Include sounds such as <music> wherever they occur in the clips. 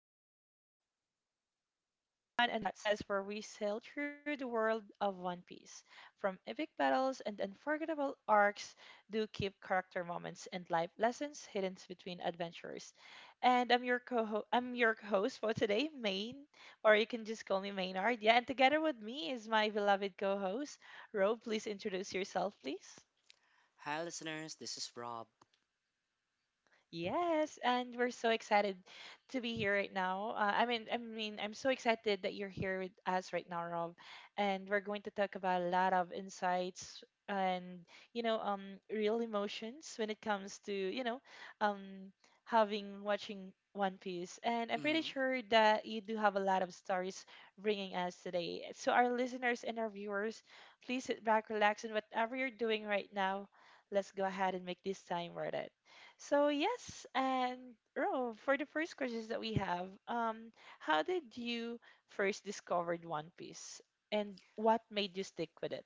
You're listening to True Hat Session, the podcast where we sail through the world of One Piece. From epic battles and unforgettable arcs, do keep character moments and life lessons hidden between adventures. And I'm your host for today, Main, or you can just call me Maynard. Yeah, and together with me is my beloved co-host, Ro. Please introduce yourself, please. Hi, listeners. This is Rob. Yes, and we're so excited to be here right now. I'm so excited that you're here with us right now, Rob. And we're going to talk about a lot of insights and you know, um, real emotions when it comes to um, having watching One Piece. And I'm pretty Mhm. sure that you do have a lot of stories bringing us today. So our listeners and our viewers, please sit back, relax, and whatever you're doing right now, let's go ahead and make this time worth it. So yes, and Ro, for the first questions that we have, how did you first discovered One Piece, and what made you stick with it?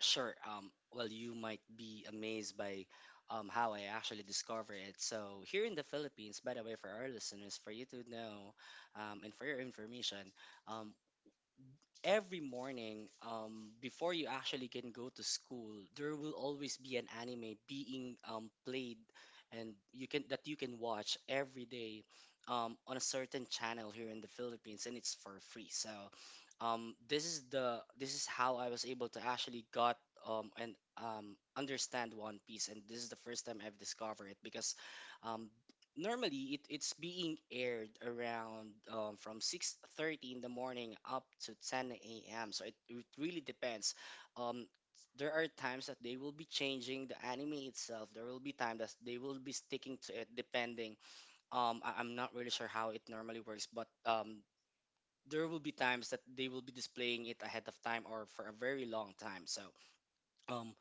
Sure. Well, you might be amazed by how I actually discovered it. So, here in the Philippines, by the way, for our listeners, for you to know and for your information, um, every morning, before you actually can go to school, there will always be an anime being played, and you can that you can watch every day on a certain channel here in the Philippines, and it's for free. So, this is how I was able to actually got and understand One Piece, and this is the first time I've discovered it because um, normally it's being aired around from 6:30 in the morning up to 10 a.m., so it really depends. um, there are times that they will be changing the anime itself. There will be time that they will be sticking to it, depending. I'm not really sure how it normally works, but there will be times that they will be displaying it ahead of time or for a very long time. So um,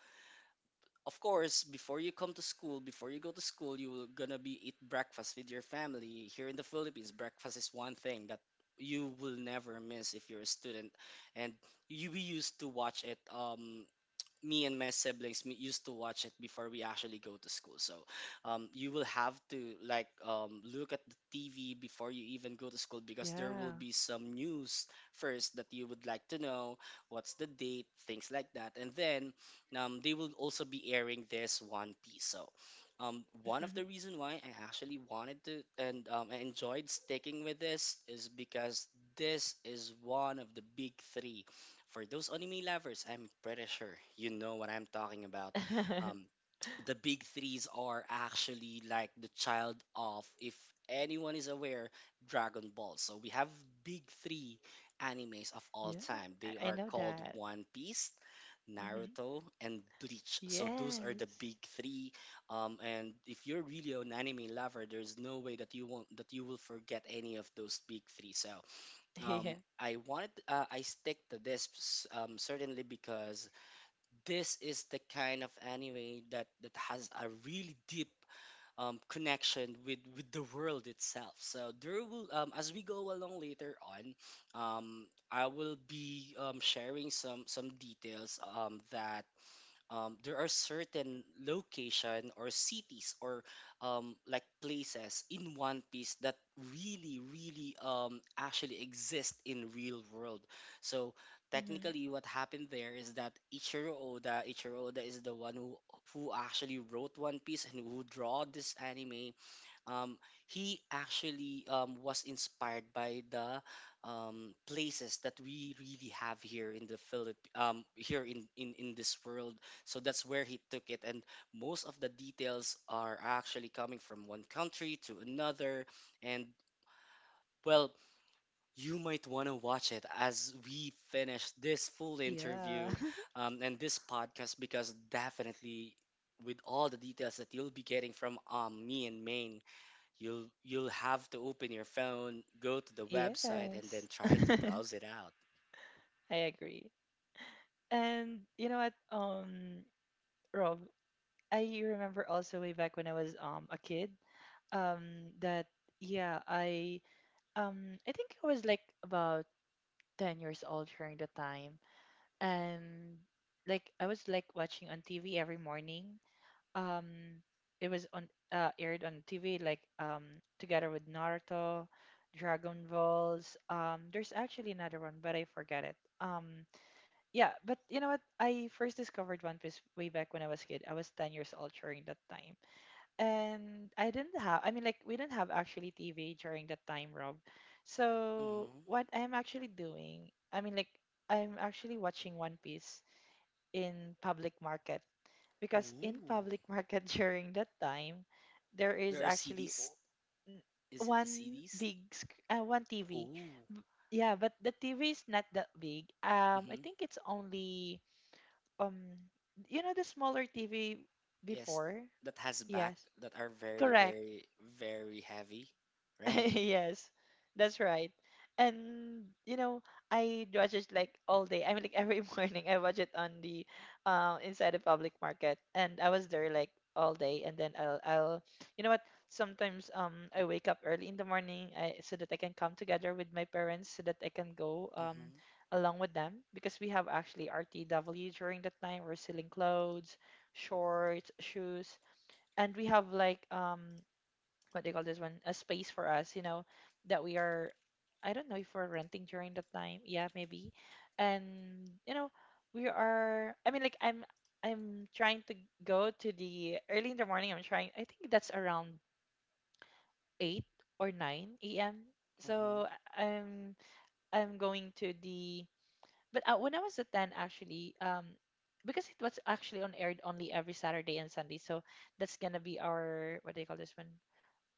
of course, before you go to school, you're gonna be eat breakfast with your family. Here in the Philippines, breakfast is one thing that you will never miss if you're a student, and you we used to watch it. Me and my siblings, used to watch it before we actually go to school. So, you will have to like look at the TV before you even go to school because there will Yeah. be some news first that you would like to know. What's the date? Things like that. And then they will also be airing this One Piece. So, one of Mhm. the reason why I actually wanted to, and I enjoyed sticking with this, is because this is one of the big three. For those anime lovers, I'm pretty sure you know what I'm talking about. Um, <laughs> the big threes are actually like the child of, if anyone is aware, Dragon Ball. So we have big three animes of all Yeah, time. They I are know called that. One Piece, Hmm. Naruto, and Bleach. So those are the Yes. big three. And if you're really an anime lover, there's no way that you won't that you will forget any of those big three. So <laughs> Yeah. I stick to this certainly because this is the kind of anime that has a really deep connection with the world itself. So there will as we go along later on, I will be sharing some details that there are certain location or cities or like places in One Piece that really, really actually exist in real world. So Hmm. technically, what happened there is that Ichiro Oda is the one who actually wrote One Piece and who draw this anime. um, he actually was inspired by the places that we really have here in the Philip here in this world. So that's where he took it, and most of the details are actually coming from one country to another. And well, you might want to watch it as we finish this full Yeah. interview <laughs> and this podcast because definitely. With all the details that you'll be getting from me and Maine, you'll have to open your phone, go to the website, and then Yes. try to browse it out. I agree. And you know what, Rob, I remember also way back when I was a kid, that yeah, I think I was like about 10 years old during the time and like I was like watching on TV every morning. Um it was on aired on TV like together with Naruto, Dragon Balls. There's actually another one but I forgot it. Yeah, but you know what? I first discovered One Piece way back when I was a kid. I was 10 years old during that time and I didn't have I mean like we didn't have actually TV during that time, Rob. So Hmm. what I'm actually doing, I'm actually watching One Piece in public market because in Ooh, public market <laughs> during that time there is there are actually CDs. Is it the CDs? One TV. Ooh. Yeah, but the TV is not that big. I Hmm, think it's only um you know the smaller TV yes, before? that has back Yes. that are very, Correct. very, very heavy, right? <laughs> Yes, that's right. And you know, I watch it like all day. I mean, like every <laughs> morning, I watch it on the inside the public market, and I was there like all day. And then I'll, you know what? Sometimes I wake up early in the morning, so that I can come together with my parents, so that I can go Hmm. along with them because we have actually RTW during that time. We're selling clothes, shorts, shoes, and we have like what do you call this one, a space for us, you know, that we are, I don't know if we're renting during that time, yeah, maybe. And you know, we are I mean like I'm trying to go to the early in the morning, I think that's around 8 or 9 a.m., Hmm. so I- i'm I'm going to the, but when I was at 10 actually, because it was actually on aired only every Saturday and Sunday, so that's gonna be our what do you call this one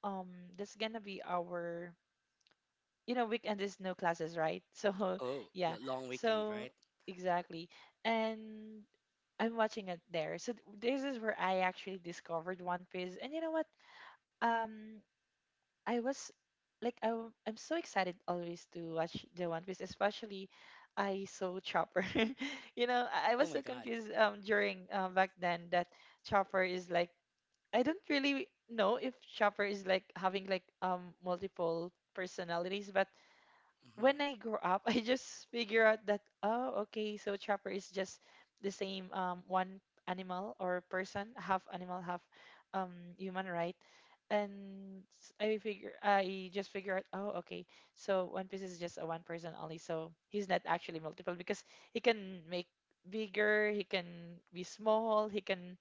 um that's gonna be our, you know, weekend is no classes, right? <laughs> So Oh, yeah, long weekend, so right? exactly, and I'm watching it there, so this is where I actually discovered One Piece. And you know what, um I was like I'm so excited always to watch the One Piece, especially I saw Chopper. <laughs> You know, I was Oh so my God. confused during back then that Chopper is like, I don't really know if Chopper is like having like multiple personalities. But Hmm. when I grow up, <laughs> I just figure out that, oh, okay, so Trapper is just the same one animal or person, half animal, half human, right? And I just figure out, oh, okay, so One Piece is just a one person only, so he's not actually multiple because he can make bigger, he can be small, he can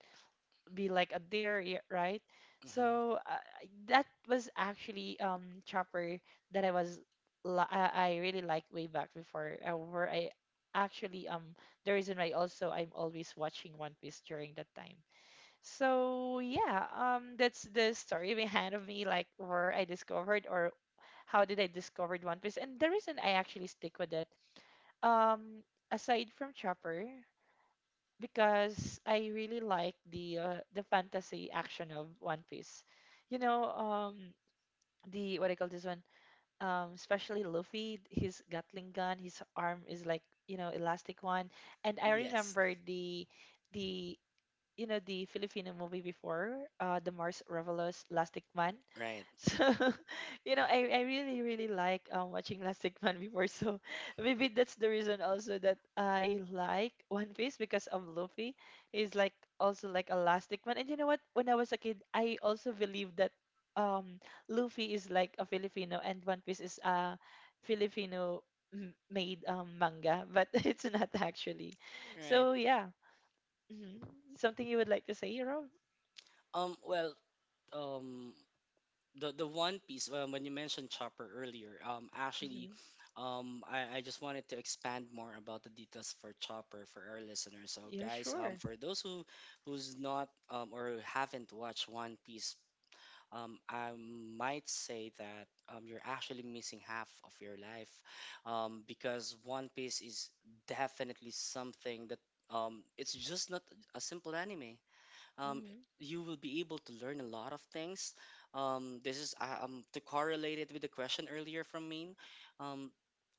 be like a deer, right? Hmm. So that was actually Chopper that I was I really liked way back before, where I actually the reason why also I'm always watching One Piece during that time. So yeah, that's the story <laughs> behind of me, like where I discovered or how did I discovered One Piece, and the reason I actually stick with it, um aside from Chopper, because I really like the fantasy action of One Piece. You know, the what I call this one, especially Luffy, his Gatling gun, his arm is like, you know, elastic one. And I Yes, remember the the you know, the Filipino movie before, the Mars Revelous Lastic Man. <laughs> right, So, you know, I really really like watching Lastic Man before. So maybe that's the reason also that I like One Piece, because of Luffy. He's like also like a Lastic Man. And you know what? When I was a kid, I also believed that um Luffy is like a Filipino and One Piece is a Filipino made manga, but <laughs> it's not actually. right. So yeah. Hmm. Something you would like to say, Rob? Well, um, the One Piece, when you mentioned Chopper earlier, Hmm. actually, I just wanted to expand more about the details for Chopper for our listeners. So Yeah, guys, sure. for those who's not or haven't watched One Piece, I might say that you're actually missing half of your life, because One Piece is definitely something that it's just not a simple anime. um, Hmm. you will be able to learn a lot of things. This is to correlate it with the question earlier from me. Um,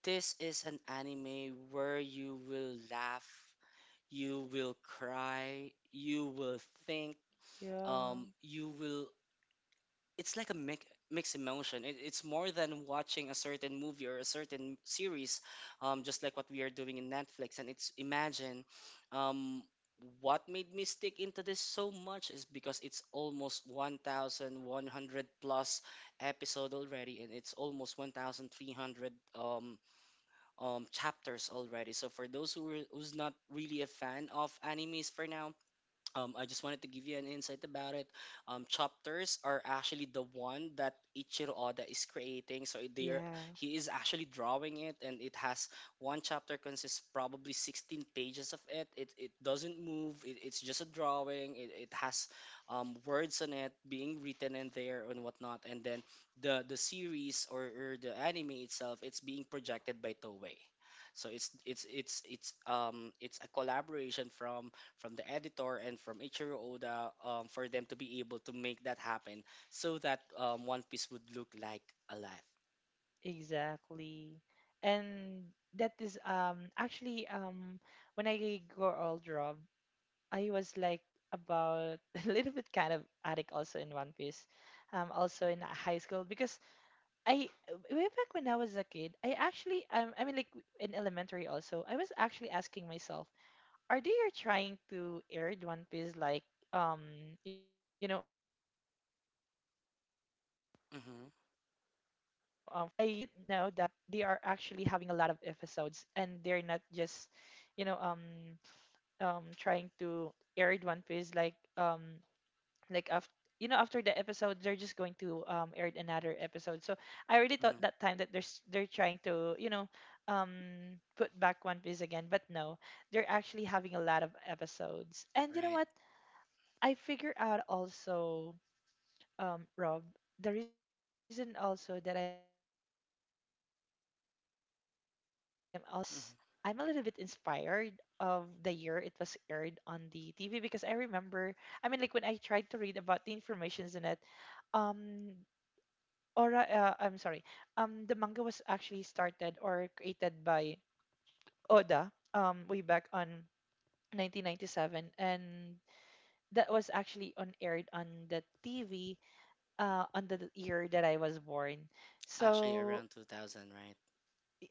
this is an anime where you will laugh, you will cry, you will think, Yeah, you will it's like a mixed emotion. It's more than watching a certain movie or a certain series, just like what we are doing in Netflix. And it's imagine, um, what made me stick into this so much is because it's almost 1,100 plus episode already, and it's almost 1,300 um, chapters already. So for those who's not really a fan of animes for now, I just wanted to give you an insight about it. Chapters are actually the one that Ichiro Oda is creating. So yeah, he is actually drawing it, and it has one chapter consists probably 16 pages of it. It doesn't move. It's just a drawing. It has words on it being written in there and whatnot. And then the series, or the anime itself, it's being projected by Toei. So it's a collaboration from the editor and from Ichiro Oda for them to be able to make that happen so that One Piece would look like alive. exactly. And that is actually when I grow old, Rob, I was like about <laughs> a little bit kind of addict also in One Piece, also in high school, because I way back when I was a kid, I actually, in elementary also, I was actually asking myself, are they are trying to air the One Piece, like um you know, for multiple times, but Mm-hmm, I didn't know that they are actually having a lot of episodes, and they're not just, you know, trying to air the One Piece like, like after, you know, after the episode they're just going to air another episode. So I already thought mm-hmm, that time that there's they're trying to, you know, um put back One Piece again, but no, they're actually having a lot of episodes. And you know right. what? I figure out also, Rob, the reason also that I'm also stick right now with One Piece, um it is because Mm-hmm. I'm a little bit inspired of the year it was aired on the TV, because I remember, I mean, like when I tried to read about the informations in it, um, I'm sorry, the manga was actually started or created by Oda, way back on 1997, and that was actually on aired on the TV, on the year that I was born. Actually, So around 2000, right?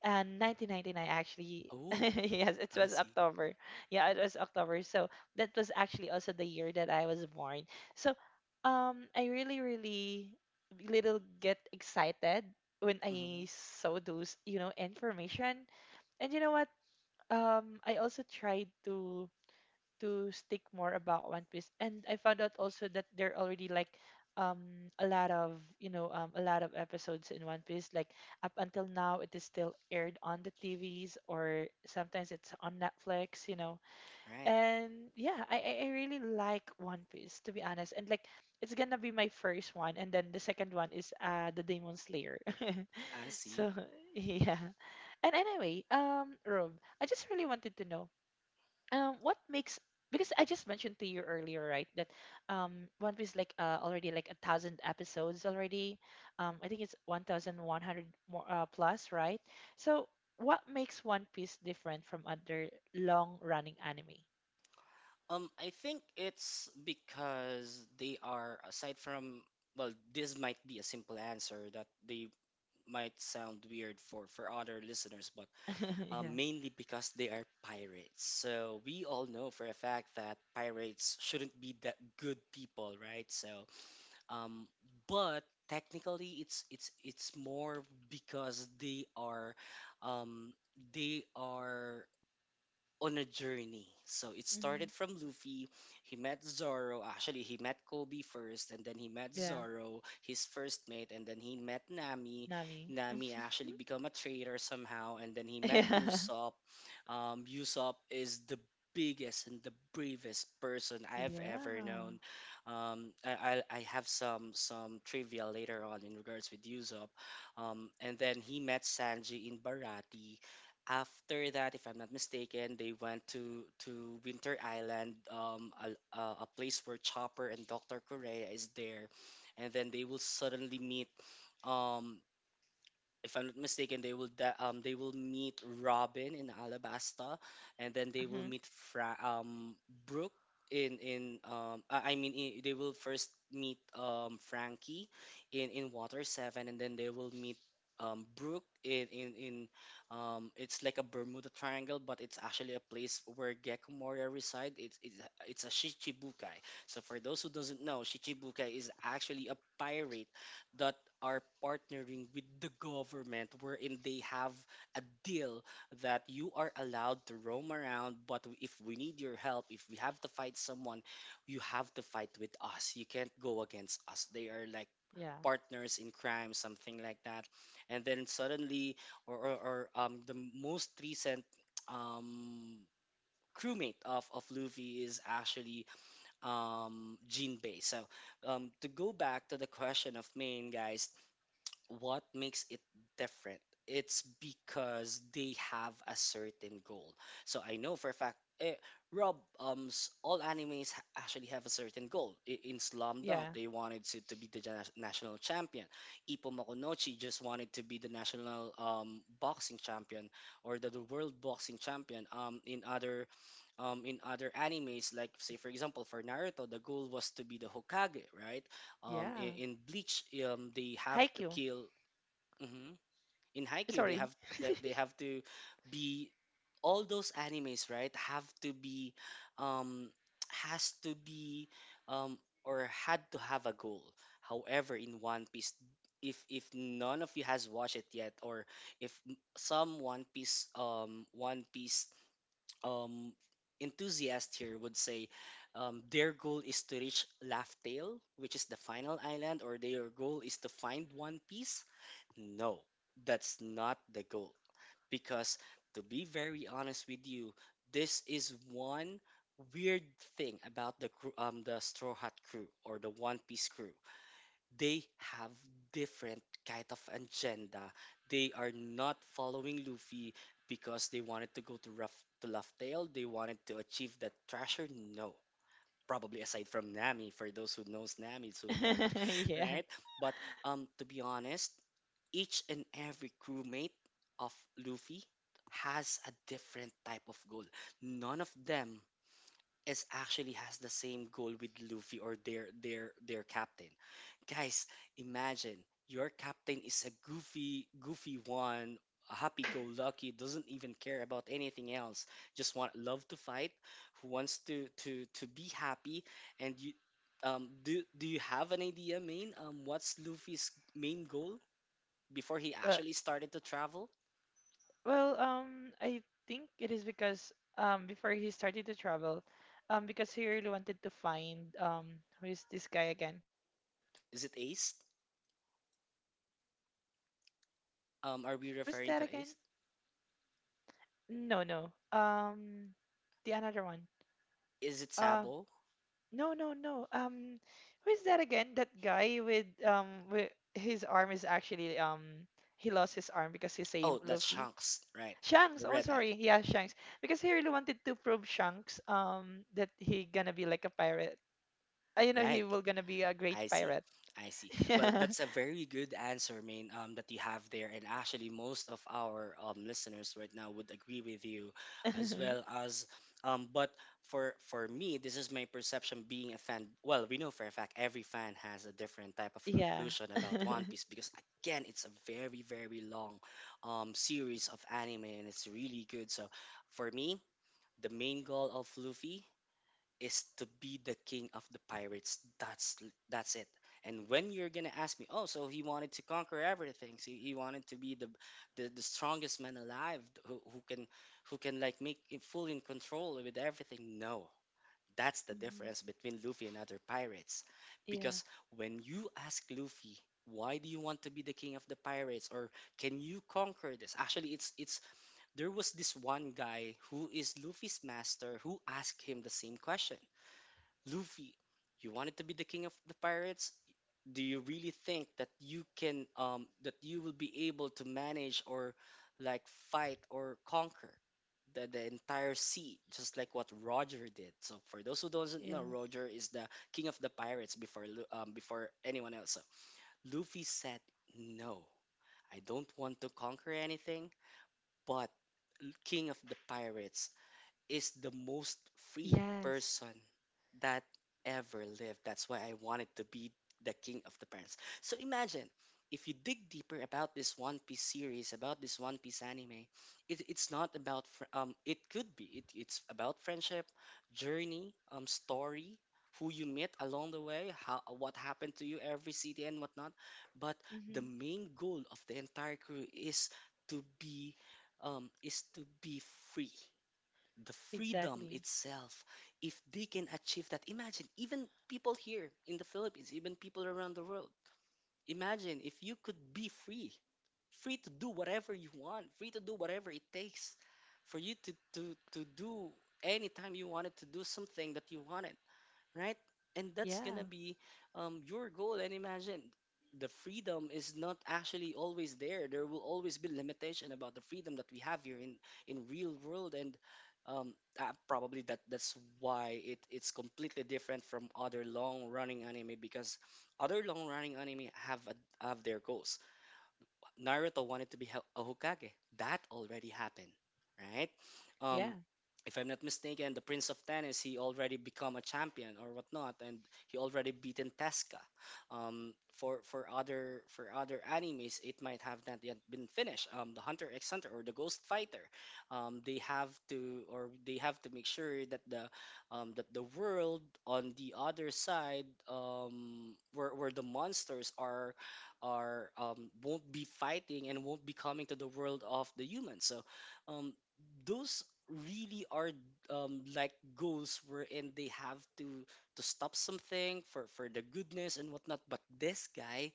and 1999 actually. <laughs> Oh, Yes, it I was see. October. Yeah, it was October. So that was actually also the year that I was born. So I really really little get excited when I Mm-hmm, saw those, you know, information. And you know what, I also tried to stick more about One Piece. And I found out also that there are already like um a lot of, you know, a lot of episodes in One Piece. Like up until now, it is still aired on the TVs or sometimes it's on Netflix, you know. right. And yeah, I really like One Piece, to be honest. And like it's gonna be my first one, and then the second one is the Demon Slayer. I <laughs> So see. <laughs> yeah. And anyway, Rob, I just really wanted to know, what makes because I just mentioned to you earlier, right, that One Piece like already like a thousand episodes already. I think it's 1,100 more plus, right? So what makes One Piece different from other long-running anime? I think it's because they are, aside from, well, this might be a simple answer that they might sound weird for other listeners, but <laughs> Yeah. mainly because they are pirates. So we all know for a fact that pirates shouldn't be that good people, right? So, um, but technically, it's more because um, they are on a journey. So it started Hmm. from Luffy. He met Zoro. Actually, he met Kobe first, and then he met Yeah. Zoro, his first mate, and then he met Nami. Nami. <laughs> Nami actually become a traitor somehow, and then he met Yeah. Usopp. Usopp is the biggest and the bravest person I have ever Yeah. known. I have some trivia later on in regards with Usopp. And then he met Sanji in Barati. After that, if I'm not mistaken, they went to Winter Island, a place where Chopper and Dr. Correa is there, and then they will suddenly meet, um, if I'm not mistaken, they will meet Robin in Alabasta, and then they will Hmm. meet Fra- um Brooke in I mean, they will first meet Frankie in Water Seven, and then they will meet Brooke in it's like a Bermuda Triangle, but it's actually a place where Gecko Moria reside. It's a Shichibukai. So for those who doesn't know, Shichibukai is actually a pirate that are partnering with the government wherein they have a deal that you are allowed to roam around, but if we need your help, if we have to fight someone, you have to fight with us. You can't go against us. They are like Yeah. partners in crime, something like that. And then suddenly, or the most recent um, crewmate of Luffy is actually Jinbei. So to go back to the question of Main, guys, what makes it different, it's because they have a certain goal. So I know for a fact, eh, Rob, all animes actually have a certain goal. In Slam Dunk Yeah. they wanted to be the national champion. Ipo Makunochi just wanted to be the national boxing champion, or the world Hmm. boxing champion. Yes. In other animes, like, say for example, for Naruto, the goal was to be the Hokage, right? Yeah. in Bleach they have to Haikyuu. kill. Hmm in Haikyuu they have, Sorry. like, they have to be all those animes, right, have to be, um has to be, um or had to have a goal. However, in One Piece, if none of you has watched it yet, or if some One Piece um, enthusiast here would say, their goal is to reach Hmm. Laugh-Tale, which is the final island, or their goal is to find One Piece. No, that's not the goal. Because to be very honest with you, this is one weird thing about the crew, the Straw Hat crew or the One Piece crew, they have different kind of agenda. They are not following Luffy because they wanted to go to rough to Laugh Tale. They wanted to achieve that treasure. No, probably aside from Nami, for those who knows Nami so much, <laughs> Yeah. right? But to be honest, each and every crewmate of Luffy has a different type of goal. None of them is actually has the same goal with Luffy or their captain. Guys, imagine your captain is a goofy one, a happy go lucky, doesn't even care about anything else. Just want love to fight, who wants to be happy and you do do you have an idea, Main? What's Luffy's main goal before he Well, actually started to travel? Well, I think it is because before he started to travel, because he really wanted to find who is this guy again, the one who Is it saved Ace? him from the you know, the big fish dragon. Are we Oh, is referring that to again? Ace? No, no. The another one. Is it Uh, Sabo? no, no, no. Who is that again? That guy with his arm is actually he lost his arm because he Oh, saved that's Luffy. Shanks, right? Shanks. The Oh, red eye, sorry. Yeah, Shanks. Because he really wanted to prove Shanks that he gonna be like a pirate. You know, he right? will gonna be a great I see, pirate. I see. <laughs> Well, Yeah. that's a very good answer, Main, that you have there, and actually, most of our listeners right now would agree with you, as well <laughs> as. But For for me, this is my perception being a fan. Well, we know for a fact every fan has a different type of Yeah. conclusion <laughs> about One Piece because again, it's a very long, series of anime, and it's really good. So, for me, the main goal of Luffy is to be the king of the pirates. That's it. And when you're gonna ask me, oh, so he wanted to conquer everything. So he wanted to be the strongest man alive, who can who can like make it full in control with everything. No, that's the Mhm. difference between Luffy and other pirates, Yeah. because when you ask Luffy. Why do you want to be the king of the pirates, or can you conquer this? Actually, it's there was this one guy who is Luffy's master who asked him the same question. Luffy, you wanted to be the king of the pirates. Do you really think that you can that you will be able to manage or like fight or conquer the entire sea, just like what Roger did? So for those who doesn't know, Yeah. Roger is the king of the pirates before before anyone else. So Luffy said, "No, I don't want to conquer anything, but king of the pirates is the most free Yes. person that ever lived. That's why I wanted to be the king of the parents. So imagine if you dig deeper about this One Piece series, about this One Piece anime, it's not about It could be it's about friendship, journey, story, who you met along the way, how what happened to you every city and whatnot. But the Hmm. main goal of the entire crew is to be um is to be free, the freedom Exactly. itself. If they can achieve that, imagine, even people here in the Philippines, even people around the world, imagine if you could be free, free to do whatever you want, free to do whatever it takes for you to do anytime you wanted to do something that you wanted, right? And that's gonna Yeah. be your goal. And imagine the freedom is not actually always there. There will always be limitation about the freedom that we have here in real world. And um, probably that's why it's completely different from other long running anime because other long running anime have have their goals. Naruto wanted to be a Hokage. That already happened, right? Yeah. Um, if I'm not mistaken, the Prince of Tennis he already become a champion or whatnot, and he already beaten Tesca. For other animes, it might have not yet been finished. The Hunter X Hunter or the Ghost Fighter, they have to or they have to make sure that the world on the other side where the monsters are won't be fighting and won't be coming to the world of the humans. So um, those really are like goals wherein they have to stop something for the goodness and whatnot. But this guy,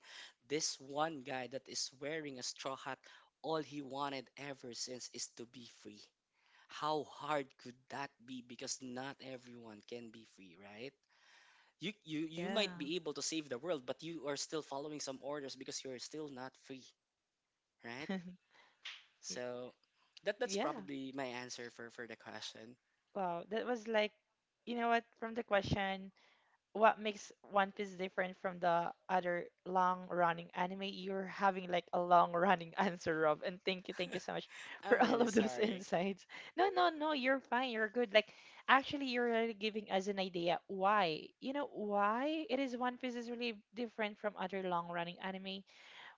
this one guy that is wearing a straw hat, all he wanted ever since is to be free. How hard could that be? Because not everyone can be free, right? You Yeah. might be able to save the world but you are still following some orders because you're still not free, right? Y- So that's Yeah. probably my answer for the question. Wow. That was like, you know what? From the question, what makes One Piece different from the other long running anime? You're having like a long running <laughs> answer, Rob. And thank you so much <laughs> <laughs> for I'm all really of those sorry. insights. No, no, no, you're fine. You're good. Like, actually, you're really giving us an idea why, you know, why it is One Piece is really different from other long running anime.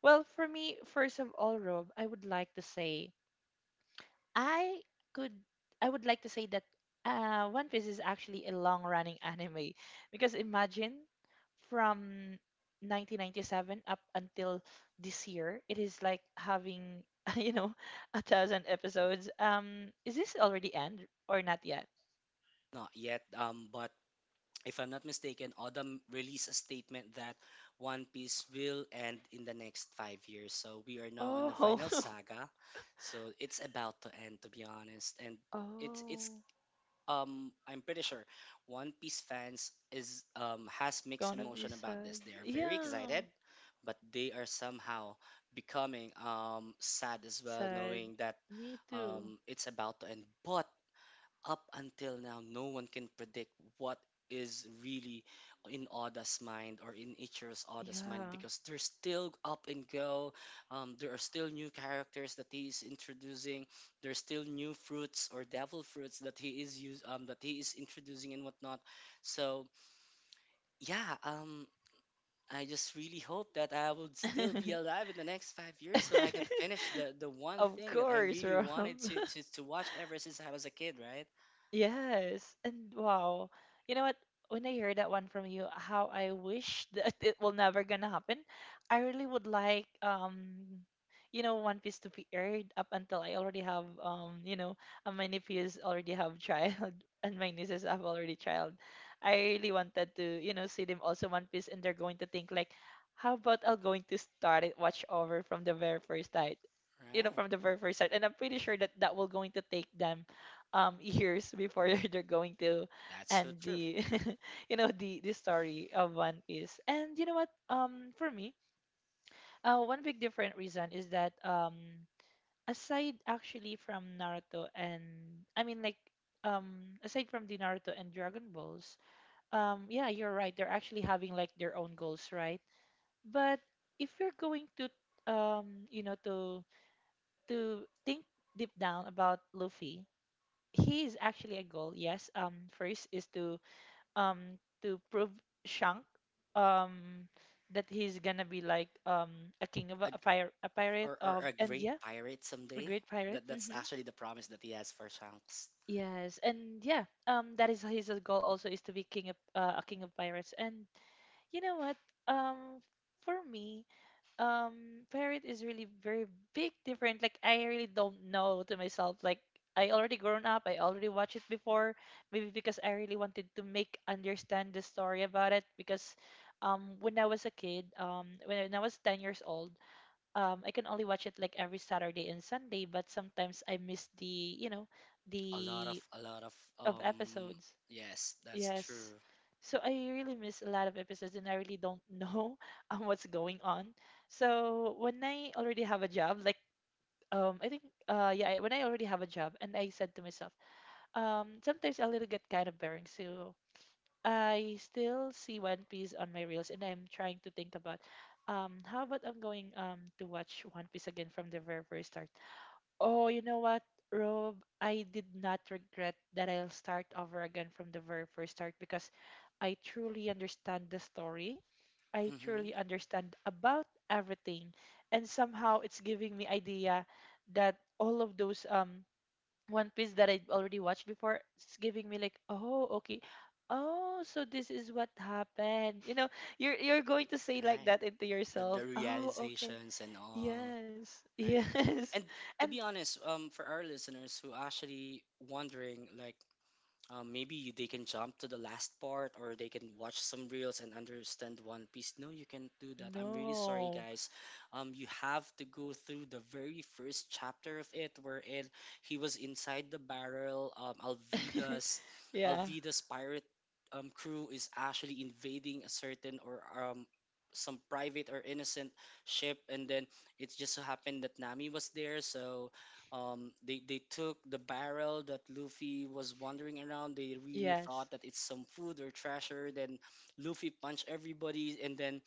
Well, for me, first of all, Rob, I would like to say I could I would like to say that One Piece is actually a long-running <laughs> anime because imagine from 1997 up until this year, it is like having <laughs> you know a thousand episodes. Is this already end or not yet? Not yet, but if I'm not mistaken, autumn released a statement that One Piece will end in the next 5 years, so we are now in the Oh, final saga. So it's about to end, to be honest. And <laughs> it's oh, I'm pretty sure One Piece fans is has mixed gonna be emotion about this. sad. They are very Yeah, excited, but they are somehow becoming sad as well, sad. knowing that Me too. It's about to end. But up until now, no one can predict what is really in Oda's mind or in Ichiro's Oda's mind Yeah. because they're still up and go. There are still new characters that he is introducing. There's still new fruits or devil fruits that he is use that he is introducing and whatnot. So yeah, I just really hope that I would still be <laughs> alive in the next 5 years so I could finish the one Of thing that I course, really Rob. wanted to watch ever since I was a kid. Right. Yes. And wow. You know what? When I hear that one from you, how I wish that <laughs> it will never gonna happen. I really would like you know One Piece to be aired up until I already have you know my nephews already have child <laughs> and my nieces have already child. I really wanted to you know see them also One Piece, and they're going to think like how about I will going to start it watch over from the very first time, you know, Right. from the very first start. And I'm pretty sure that that will going to take them years before <laughs> they're going to That's so end true. the <laughs> you know the story of One Piece. And you know what? For me, one big different reason is that aside actually from Naruto and I mean like aside from the Naruto and Dragon Balls, yeah, you're right. They're actually having like their own goals, right? But if you're going to you know to think deep down about Luffy, he is actually a goal. Yes. First is to prove Shank um that he's gonna be like a king of a, A, g- a fire a pirate or of a and great yeah pirate a someday. great pirate. That's Mm-hmm. actually the promise that he has for Shanks. Yes, and yeah, that is his goal also is to be king of a king of pirates. And you know what? Um, for me, um parent is really very big different like I really don't know to myself like I already grown up, I already watched it before. Maybe because I really wanted to make understand the story about it because when I was a kid when I was 10 years old, I can only watch it like every Saturday and Sunday, but sometimes I miss the you know the A lot of of um episodes. yes, that's Yes. true. So I really miss a lot of episodes and I really don't know <laughs> what's going on. So when I already have a job, like I think yeah, when I already have a job and I said to myself, sometimes a little get kind of boring. So I still see One Piece on my reels and I'm trying to think about how about I'm going to watch One Piece again from the very start. Oh, you know what, Rob? I did not regret that I'll start over again from the very first start because I truly understand the story. I truly Mm-hmm. understand about everything. And somehow it's giving me idea that all of those One Piece that I already watched before, it's giving me like, oh, okay. Oh, so this is what happened. You know, you're going to say like Right. that into yourself. The Oh, okay. realizations and all, Yes. <laughs> right? Yes. And to And be honest, for our listeners who actually wondering like um, maybe they can jump to the last part or they can watch some reels and understand One Piece. No, you can't do that. I'm really sorry, no. guys. You have to go through the very first chapter of it, wherein he was inside the barrel. Um, <laughs> Yeah. Alvida's pirate crew is actually invading a certain or some private or innocent ship, and then it just so happened that Nami was there, so they took the barrel that Luffy was wandering around. They really Yes. thought that it's some food or treasure. Then Luffy punched everybody, and then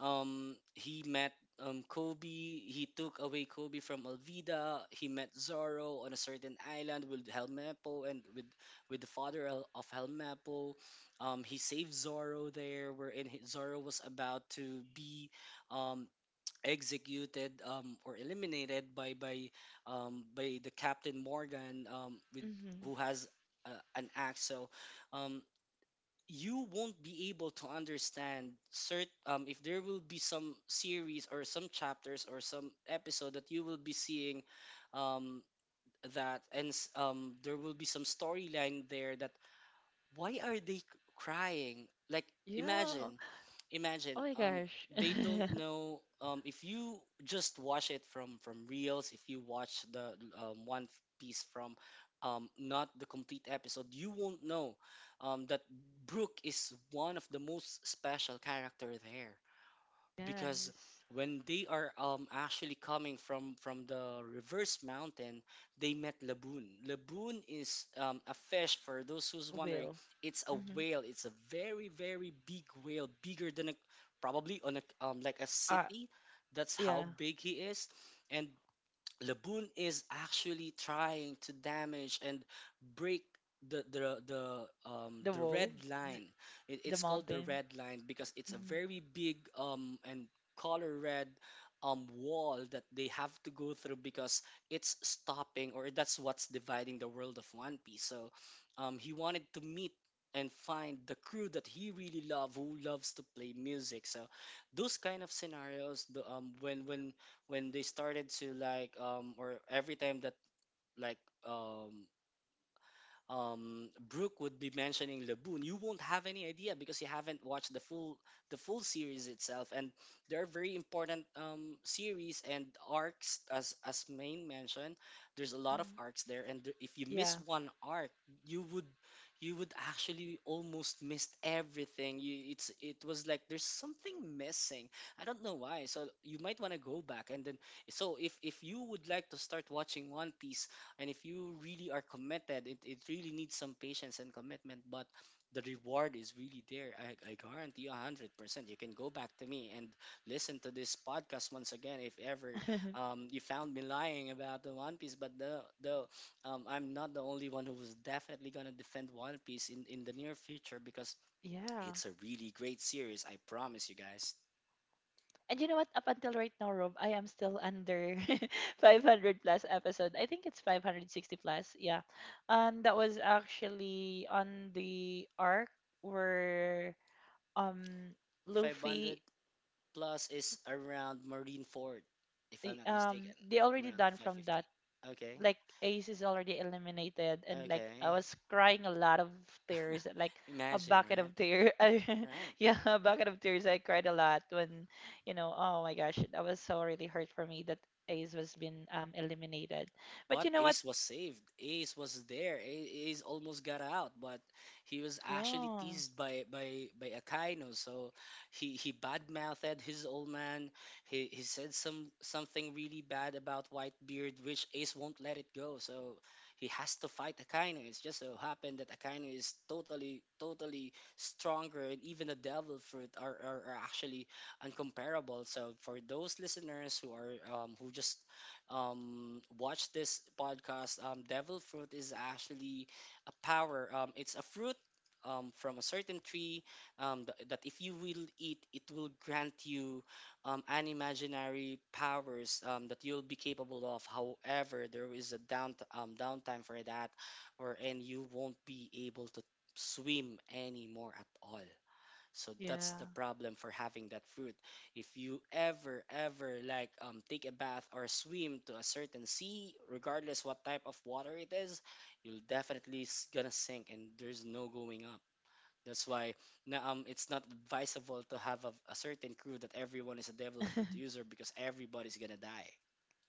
he met Kobe. He took away Kobe from Alvida. He met Zoro on a certain island with Helmeppo and with the father of Helmeppo. He saved Zoro there, wherein Zoro was about to be um executed, or eliminated by the Captain Morgan, with Hmm. who has uh, an axe. So um, you won't be able to understand cert if there will be some series or some chapters or some episode that you will be seeing um, that and there will be some storyline there that why are they crying, like Yeah. imagine, imagine, Oh my gosh. they don't <laughs> know if you just watch it from reels, if you watch the piece from not the complete episode, you won't know that Brooke is one of the most special character there because Yes. when they are actually coming from the reverse mountain, they met Laboon. Laboon is, a fish for those who's wondering, Will. it's a Mm-hmm. whale, it's a very big whale, bigger than a probably on a like a Uh, city. That's yeah. how big he is. And Laboon is actually trying to damage and break The the red wall, the, line. The It's called the mountain. red line because it's a Hmm. very big and color red wall that they have to go through because it's stopping or that's what's dividing the world of One Piece. So he wanted to meet and find the crew that he really love who loves to play music. So those kind of scenarios, the when they started to like or every time that like um Brooke would be mentioning Laboon, you won't have any idea because you haven't watched the full series itself. And there are very important series and arcs, as Main mentioned. There's a lot of Hmm. arcs there, and there, if you miss Yeah. one arc, you would you would actually almost missed everything. You it's it was like there's something missing. I don't know why. So you might want to go back and then so if you would like to start watching One Piece and if you really are committed, it really needs some patience and commitment, but the reward is really there. I guarantee you 100%. You can go back to me and listen to this podcast once again if ever <laughs> you found me lying about the One Piece. But the I'm not the only one who was definitely going to defend One Piece in the near future because Yeah. it's a really great series. I promise you guys. And you know what? Up until right now, Rob, I am still under <laughs> 500 plus episode. I think it's 560 plus. Yeah. And that was actually on the arc where um 500 Luffy plus is around Marine Ford, if I'm not mistaken, they already around done from that. 550. Okay. Like Ace is already eliminated and like I Okay. was crying a lot of tears, <laughs> like a Imagine, bucket right? of tears. <laughs> I, Right. yeah, a bucket of tears. I cried a lot when, you know, oh my gosh, that was so really hurt for me that Ace was been eliminated. But you But know what? Ace was saved. Ace was there. Ace almost got out, but he was actually Yeah. teased by Akaino. So he badmouthed his old man. He said something really bad about Whitebeard, which Ace won't let it go. So he has to fight Akaino. It's just so happened that Akaino is totally stronger, and even the Devil Fruit are actually uncomparable. So for those listeners who just watch this podcast. Devil fruit is actually a power. It's a fruit from a certain tree that if you will eat, it will grant you unimaginary powers that you'll be capable of. However, there is a downtime for that, wherein you won't be able to swim anymore at all. So that's the Yeah. problem for having that fruit. If you ever, ever like take a bath or swim to a certain sea, regardless what type of water it is, you'll definitely gonna sink and there's no going up. That's why now it's not advisable to have a certain crew that everyone is a devil fruit user because everybody's gonna die,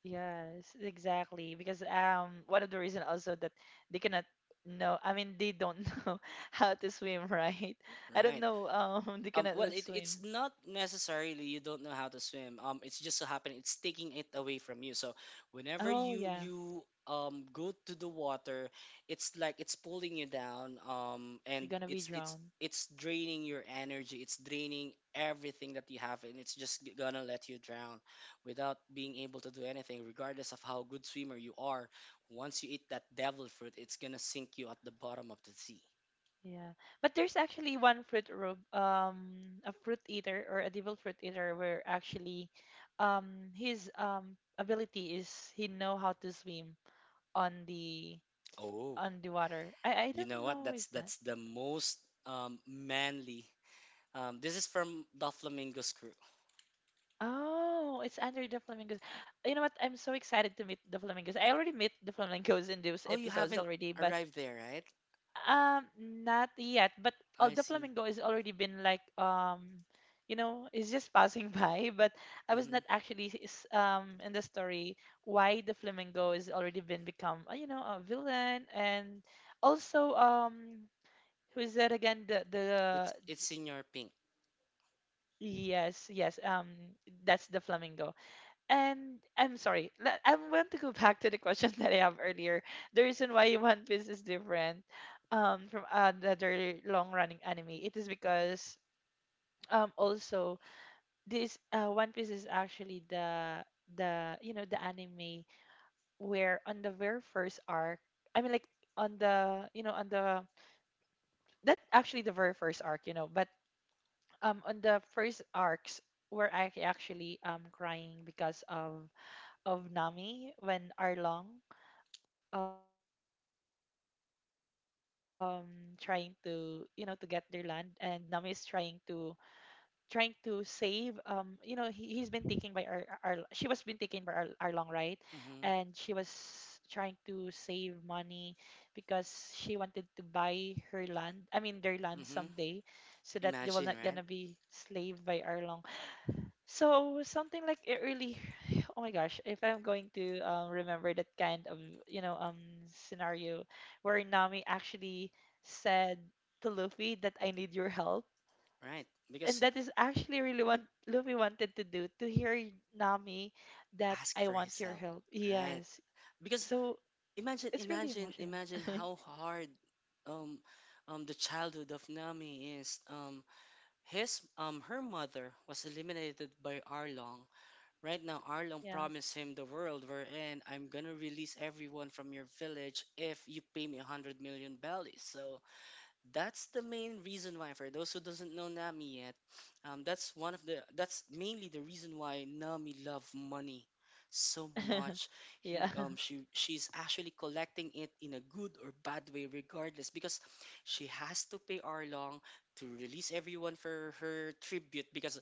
Yes, exactly. Because one of the reason also that they cannot know. I mean, they don't <laughs> know how to swim, right? I don't right? know. <laughs> They Um, cannot well, would it's swim. not necessarily you don't know how to swim. It's just so happen it's taking it away from you. So whenever Oh you yeah, you um go to the water, it's like it's pulling you down. Um, you're and gonna be it's it's drowned. it's draining your energy. It's draining everything that you have, and it's just gonna let you drown without being able to do anything, regardless of how good swimmer you are. Once you eat that devil fruit, it's gonna sink you at the bottom of the sea. Yeah, but there's actually one fruit a fruit eater or a devil fruit eater where actually his ability is he know how to swim on the Oh. on the water. I You don't know what? know That's is that. that's the most manly. This is from the Flamingo's crew. Oh, it's under the flamingos. You know what? I'm so excited to meet the flamingos. I already met the flamingos in those Oh, you episodes haven't already, but arrived there, right? Not yet. But all I the see. flamingo has already been like you know, it's just passing <laughs> by. But I was not Hmm. actually in the story why the flamingo has already been become you know a villain and also who is that again? The It's the it's in your pink. yes yes that's the flamingo. And I'm sorry. I want to go <laughs> back to the question <laughs> that I have earlier. The reason why One Piece is different from other long-running anime, it is because also this One Piece is actually the you know the anime where on the very first arc, I mean like on the you know on the that actually the very first arc, you know, but on the first arcs were I actually crying because of Nami when Arlong um trying to you know to get their land and Nami is trying to save you know he, he's been taken by our she was been taken by our long right and she Hmm. was trying to save money because she wanted to buy her land I mean their land Hmm. someday so that they will Imagine, not right? gonna be slave by Arlong. So something like it really, <sighs> oh my gosh, if I'm going to remember that kind of you know scenario where Nami actually said to Luffy that I need your help, Right. and Because that is actually really what Luffy wanted to do to hear Nami that ask I for want his your help, help. right? Yes, Because so imagine, it's really imagine, emotional. imagine <laughs> how hard um the childhood of Nami is. His her mother was eliminated by Arlong. Right now, Arlong yeah, promised him the world we're in. I'm gonna release everyone from your village if you pay me 100 million bellies. So that's the main reason why, for those who doesn't know Nami yet, that's one of the that's mainly the reason why Nami love money so <laughs> much. yeah, He, um, she she's actually collecting it in a good or bad way regardless because she has to pay Arlong to release everyone for her tribute because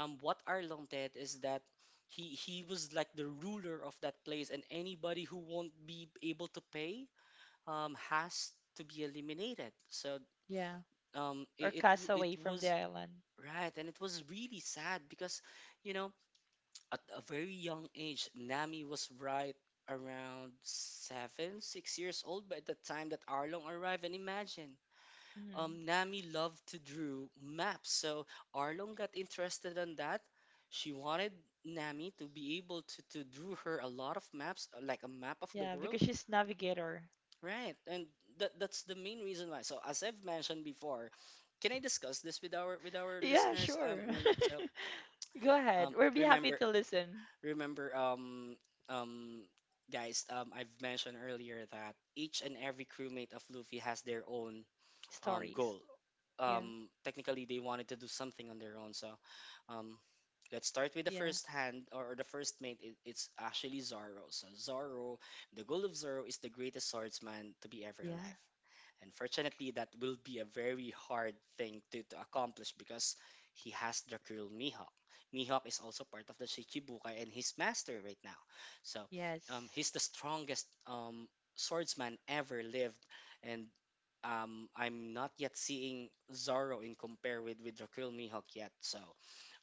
what Arlong did is that he was like the ruler of that place, and anybody who won't be able to pay has to be eliminated. So <laughs> yeah. Or cast it away from the was island. right, and it was really sad because, you know at a very young age, Nami was right around 7 6 years old by the time that Arlong arrived. And imagine, Hmm. Nami loved to drew maps, so Arlong got interested in that. She wanted Nami to be able to drew her a lot of maps, like a map of the Yeah, world. because she's navigator. Right, and that's the main reason why. So as I've mentioned before, can I discuss this with our Yeah, listeners? sure. Main, so <laughs> Go ahead. um We'll be happy remember to listen remember um guys, I've mentioned earlier that each and every crewmate of Luffy has their own stories. goal. Yeah, Technically, they wanted to do something on their own. So um, let's start with the yeah, first hand, or the first mate. It's actually Zoro. So Zoro, the goal of Zoro is the greatest swordsman to be ever yeah. alive. Unfortunately, that will be a very hard thing to accomplish because he has the curl Mihawk. Mihawk is also part of the Shichibukai and his master right now. So Yes. he's the strongest swordsman ever lived, and I'm not yet seeing Zorro in compare with Rakul Mihawk yet. So,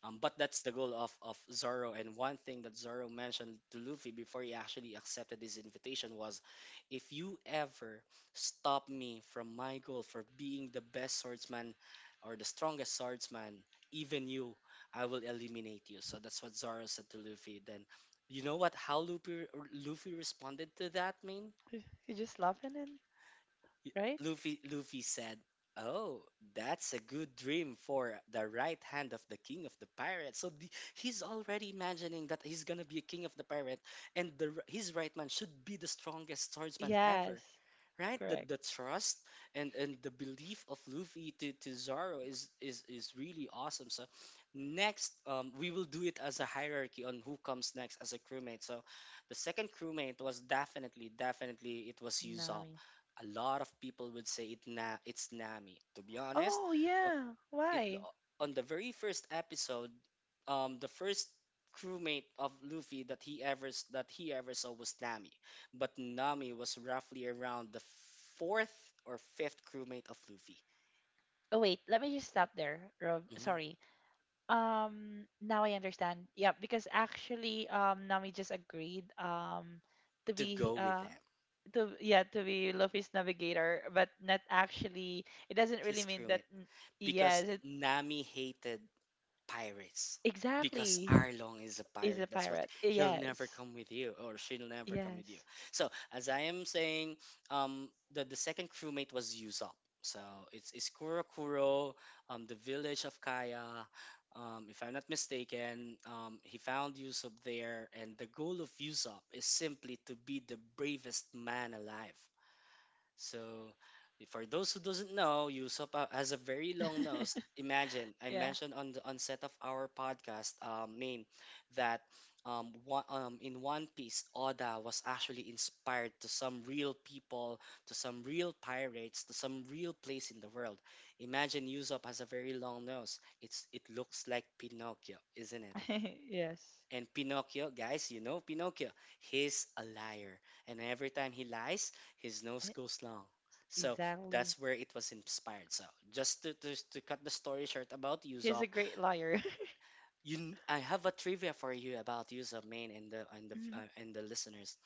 but that's the goal of Zorro. And one thing that Zorro mentioned to Luffy before he actually accepted his invitation was, if you ever stop me from my goal for being the best swordsman or the strongest swordsman, even you, I will eliminate you. So that's what Zorro said to Luffy. Then, you know what? How Luffy responded to that, man? You're just laughing and right? Luffy said, "Oh, that's a good dream for the right hand of the king of the pirates." So he's already imagining that he's gonna be a king of the pirate, and his right man should be the strongest swordsman Yes. ever. Right, the, Correct. the trust and the belief of Luffy to Zoro is really awesome. So next, we will do it as a hierarchy on who comes next as a crewmate. So the second crewmate was definitely definitely it was Usopp. Nami. A lot of people would say it's Nami, to be honest. Oh o- yeah. it, Why? on the very first episode, the first crewmate of Luffy that he that he ever saw was Nami, but Nami was roughly around the fourth or fifth crewmate of Luffy. Oh wait, let me just stop there, Rob. Mhm. Sorry. Now I understand. Yeah, because actually Nami just agreed to To be go with them, to yeah to be Luffy's navigator, but not actually. It doesn't really his mean that. crewmate, because Yes, it, Nami hated pirates because exactly. Arlong is a He's a pirate. That's what, pirate. he'll never Yes. come with you, or she'll never come with you. Yes. So as I am saying, the second crewmate was Usopp. So it's Kuro the village of Kaya. If I'm not mistaken, he found Usopp there, and the goal of Usopp is simply to be the bravest man alive. So for those who doesn't know, Yusop has a very long nose. <laughs> Imagine I yeah. mentioned on the onset of our podcast, Main, that in One Piece, Oda was actually inspired to some real people, to some real pirates, to some real place in the world. Imagine Yusop has a very long nose. It looks like Pinocchio, isn't it? <laughs> yes. And Pinocchio, guys, you know Pinocchio, he's a liar. And every time he lies, his nose E- goes long. So Exactly. that's where it was inspired. So just to cut the story short about He's a Usopp, great liar. I have a trivia for you about Usopp, Main, <laughs> and the listeners.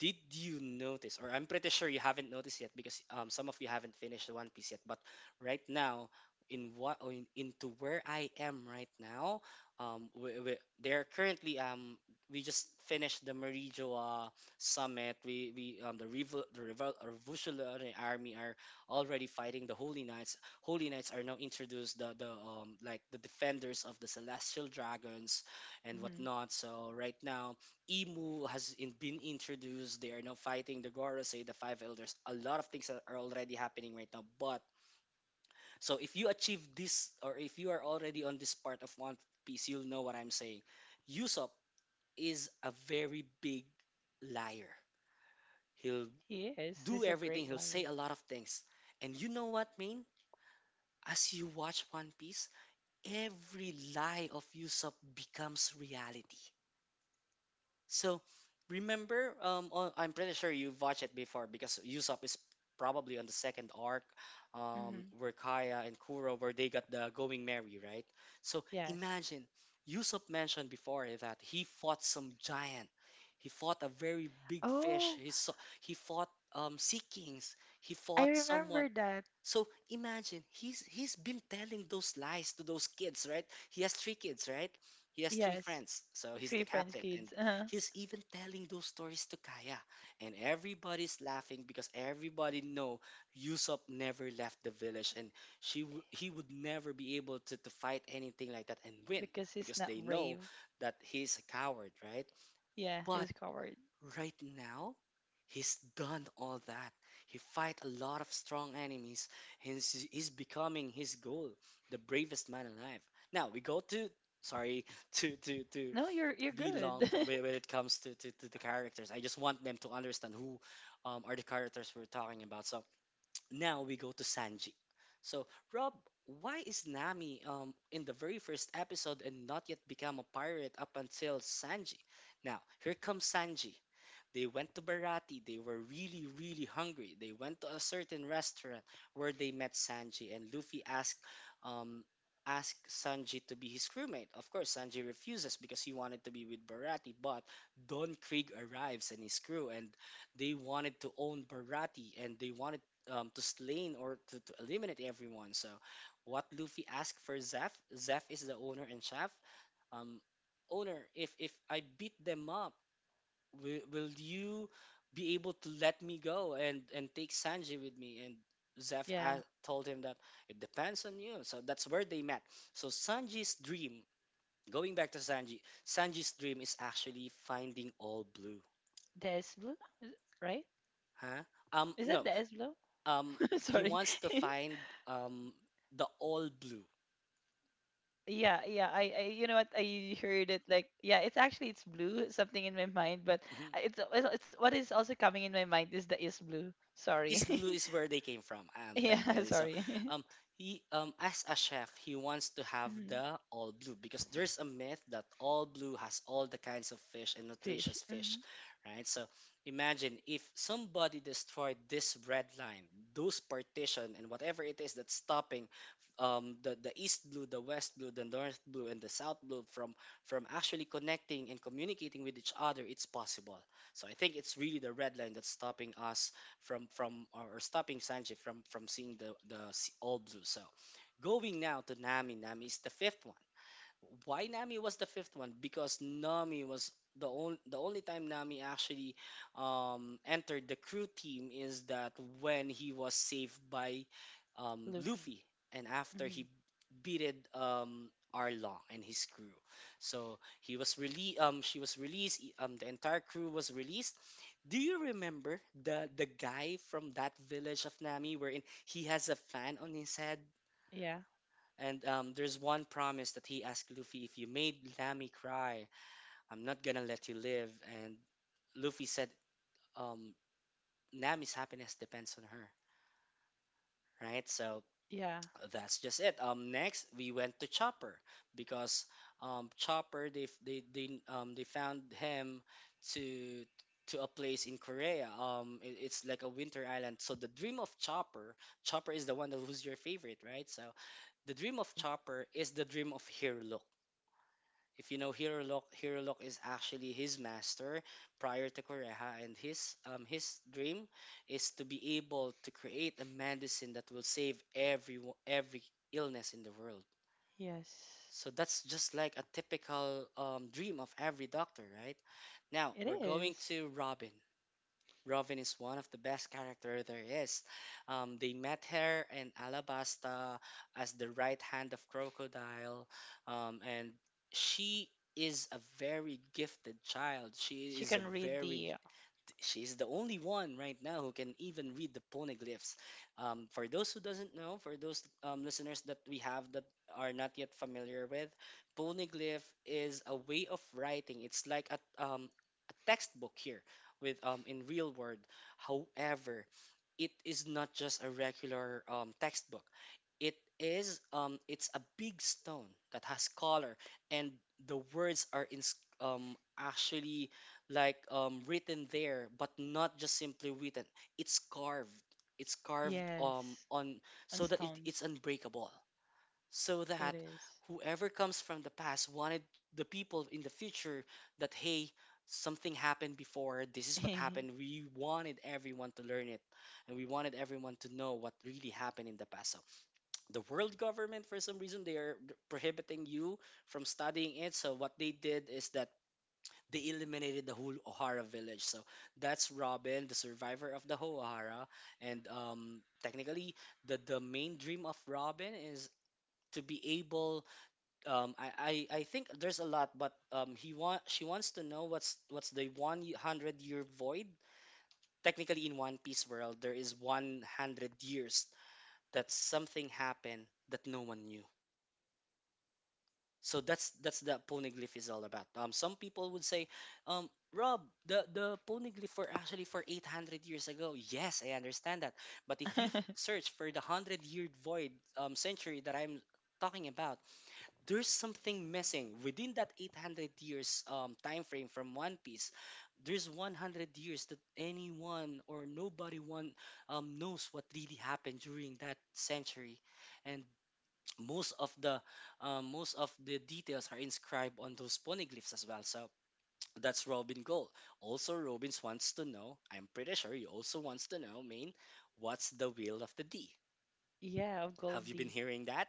Did you notice? Or I'm pretty sure you haven't noticed yet because some of you haven't finished One Piece yet, but right now, in what or in, into where I am right now, um, we, we, they're currently um, we just finished the Marijoa summit. We the revol revolutionary army are already fighting the Holy Knights. Holy Knights are now introduced, the like the defenders of the celestial dragons and mm-hmm. whatnot. So right now Emu has been introduced. They are now fighting the Gorosei, the Five Elders. A lot of things that are already happening right now. But so if you achieve this, or if you are already on this part of One Piece, you'll know what I'm saying. Usopp is a very big liar. He'll He is. do He's a everything. great He'll say liar. a lot of things. And you know what, Main? As you watch One Piece, every lie of Usopp becomes reality. So remember, I'm pretty sure you've watched it before because Usopp is probably on the second arc, Hmm. where Kaya and Kuro, where they got the Going Merry, right? So Yes. imagine Usopp mentioned before that he fought some giant, he fought a very big fish, Oh, he saw, he fought sea kings, he I fought someone. remember that. So imagine he's been telling those lies to those kids, right? He has three kids, right? He has three Yes. friends, so he's Three the French captain, and kids. Uh-huh. he's even telling those stories to Kaya, and everybody's laughing because everybody know Yusop never left the village, and he would never be able to fight anything like that and win Because he's because not they know brave. that he's a coward, right? Yeah, But he's coward. right now, he's done all that. He fight a lot of strong enemies, and he's becoming his goal, the bravest man alive. Now we go to, sorry, to No, you're be long good. for when it comes to the characters. I just want them to understand who are the characters we're talking about. So now we go to Sanji. So, Rob, why is Nami in the very first episode and not yet become a pirate up until Sanji? Now here comes Sanji. They went to Barati. They were really, really hungry. They went to a certain restaurant where they met Sanji, and Luffy asked, um, asked Sanji to be his crewmate. Of course, Sanji refuses because he wanted to be with Barati. But Don Krieg arrives and his crew, and they wanted to own Barati, and they wanted to slay or to eliminate everyone. So, what Luffy asked for Zeph, Zeph is the owner and chef. Um, Owner, if I beat them up, will you be able to let me go and take Sanji with me and <laughs> Zeph a yeah. told him that it depends on you. So that's where they met. So Sanji's dream, going back to Sanji, Sanji's dream is actually finding all blue. Des Blue, right? huh Is no. that Des Blue? um <laughs> he Sorry. wants to <laughs> find um the all blue. Yeah, yeah. I, you know what? I heard it like, yeah. It's actually it's blue. Something in my mind, but <laughs> it's what is also coming in my mind is the is blue. Sorry. East Blue <laughs> is where they came from, Yeah, <laughs> technically. So, sorry. um, <laughs> he, as a chef, he wants to have Mhm. the all blue because there's a myth that all blue has all the kinds of fish and nutritious Fish. fish, Hmm. right? So, imagine if somebody destroyed this red line, those partition and whatever it is that's stopping, the East Blue, the West Blue, the North Blue, and the South Blue from actually connecting and communicating with each other. It's possible. So I think it's really the red line that's stopping us from or stopping Sanji from seeing the all blue. So going now to Nami. Nami is the fifth one. Why Nami was the fifth one? Because Nami was the only time Nami actually entered the crew team is that when he was saved by Luffy. Luffy, and after Hmm. he beated Arlong and his crew. So he was released. She was released. The entire crew was released. Do you remember the guy Hmm. from that village of Nami wherein he has a fan on his Yeah. head? And I'm there's one sorry. promise that he asked Luffy, if you made Nami cry, I'm No. not gonna let you live. And Luffy said, um, Nami's happiness depends on her, right? So Yeah. that's just it. Next we went to Chopper because Chopper, they f- they found him to to a place in Korea. It, it's like a winter island. So the dream of Chopper, It's Chopper is very the one that cold who's your actually. favorite, right? So the dream of Chopper is the dream of Hirlo. If you know Hirolok, Hirolok is actually his master prior to Koreha, and his dream is to be able to create a medicine that will save every illness in the world. Yes. So that's just like a typical dream of every doctor, right? Now It we're going is. to Robin. Robin is one of the best character there is. They met her in Alabasta as the right hand of Crocodile, and she is a very gifted child. She She is a can read very, the she's the only one right now who can even read the poneglyphs. For those who doesn't know, for those yes. Listeners that we have that are not yet familiar with, poneglyph is a way of writing. It's like a textbook here with in real word. However, it is not just a regular textbook. It is it's a big stone that has color, and the words are in, actually, like written there but not just simply written, it's carved, it's carved Yes. on, On so that it, it's stones. unbreakable, so It that is. whoever comes from the past wanted the people in the future that hey, something happened before, this <laughs> is what Mhm. happened, we wanted everyone to learn it, and we wanted everyone to know what really happened in the past. So the world government, for some reason, they are prohibiting you from studying it. So what they did is that they eliminated the whole Ohara village. So that's Robin, the survivor of the whole Ohara. And technically, the main dream of Robin is to be able. Um, I, I think there's a lot, but he want she wants to know what's the 100-year void. Technically, in One Piece world, there is 100 years that something happened that no one knew. So that's the Yes. poneglyph is all about. Some people would say, Rob, the poneglyph were actually for 800 years ago. Yes, I understand that. But if you <laughs> search for the hundred-year void, century that I'm talking about, there's something missing within that 800 years time frame from One Piece. There's 100 years that anyone or nobody one knows what really happened during that century, and most of the most of the details are inscribed on those poneglyphs as well. So that's Robin goal. Also, Robbins wants to know. I'm pretty sure you also wants to know, main, what's the will of the D? Yeah, of Have you been Goldie. hearing that?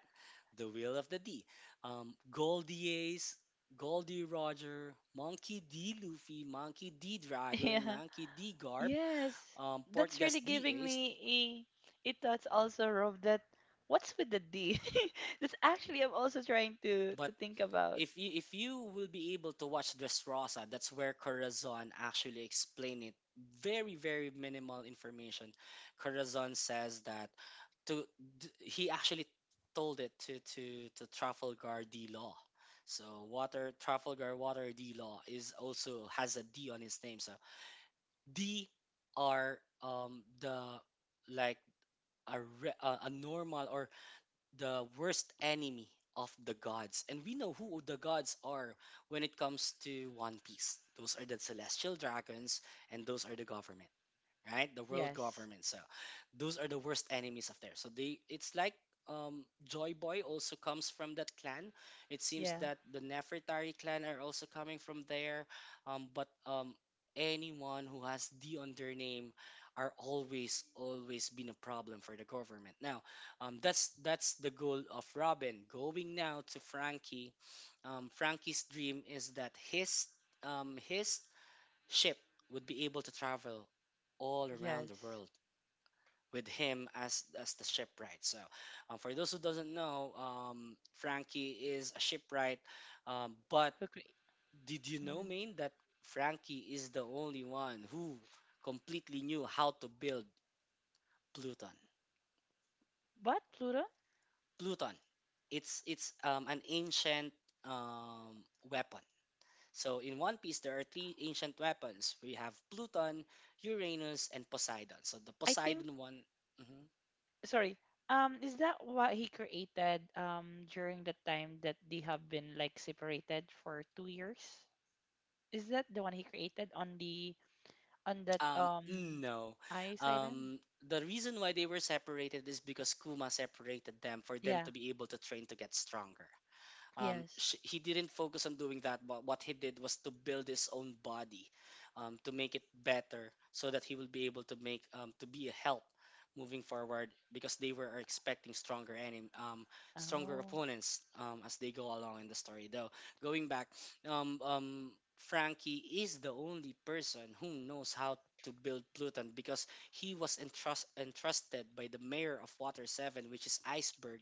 The will of the D. Goldie Ace, Goldie Roger, Monkey D Luffy, Monkey D <laughs> Dragon, Yeah. Monkey D Garp, Yes. That's Portgas really D giving Ace. me a thoughts also of that what's with the D? <laughs> That's actually I'm also trying to But think about. If you will be able to watch Dressrosa, that's where Corazon actually explain it. Very very minimal information. Corazon says that to he actually told it to to Trafalgar D Law. So water Trafalgar Water D Law is also has a D on his name. So D are the, like, a normal or the worst enemy of the gods. And we know who the gods are when it comes to One Piece. Those are the celestial dragons and those are the government, right? The world Yes. government. So those are the worst enemies of theirs. So they it's like Joy Boy also comes from that clan. It seems Yeah. that the Nefertari clan are also coming from there. But anyone who has D on their name are always always been a problem for the government. Now, that's the goal of Robin. Going now to Frankie. Um, Frankie's dream is that his ship would be able to travel all around the Yes. world with him as the shipwright. So, for those who doesn't know, Frankie is a shipwright. But Who cre- did you know, Mhm. Maine, that Frankie is the only one who completely knew how to build Pluton. But Pluto, Pluton. It's an ancient um, weapon. So in One Piece, there are three ancient weapons. We have Pluton, Uranus, and Poseidon. So the I think Poseidon one. Mhm. sorry. Is that what he created during the time that they have been like separated for 2 years? Is that the one he created on the on that No. ice island? Um, the reason why they were separated is because Kuma separated them for them Yeah. to be able to train to get stronger. Yes. He didn't focus on doing that, but what he did was to build his own body to make it better so that he will be able to make to be a help moving forward because they were expecting stronger stronger Oh. opponents as they go along in the story. Though going back, um, um, Frankie is the only person who knows how to build Pluton because he was entrusted by the mayor of Water 7, which is Iceberg,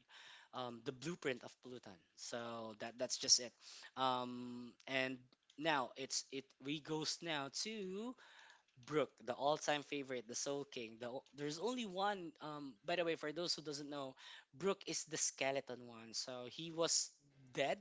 the blueprint of Pluton. So that that's just it. And now it's it we goes now to Brooke, the all-time favorite, the Soul King. The, there's only one. By the way, for those who doesn't know, Brooke is the Mm-hmm. skeleton one. So he was dead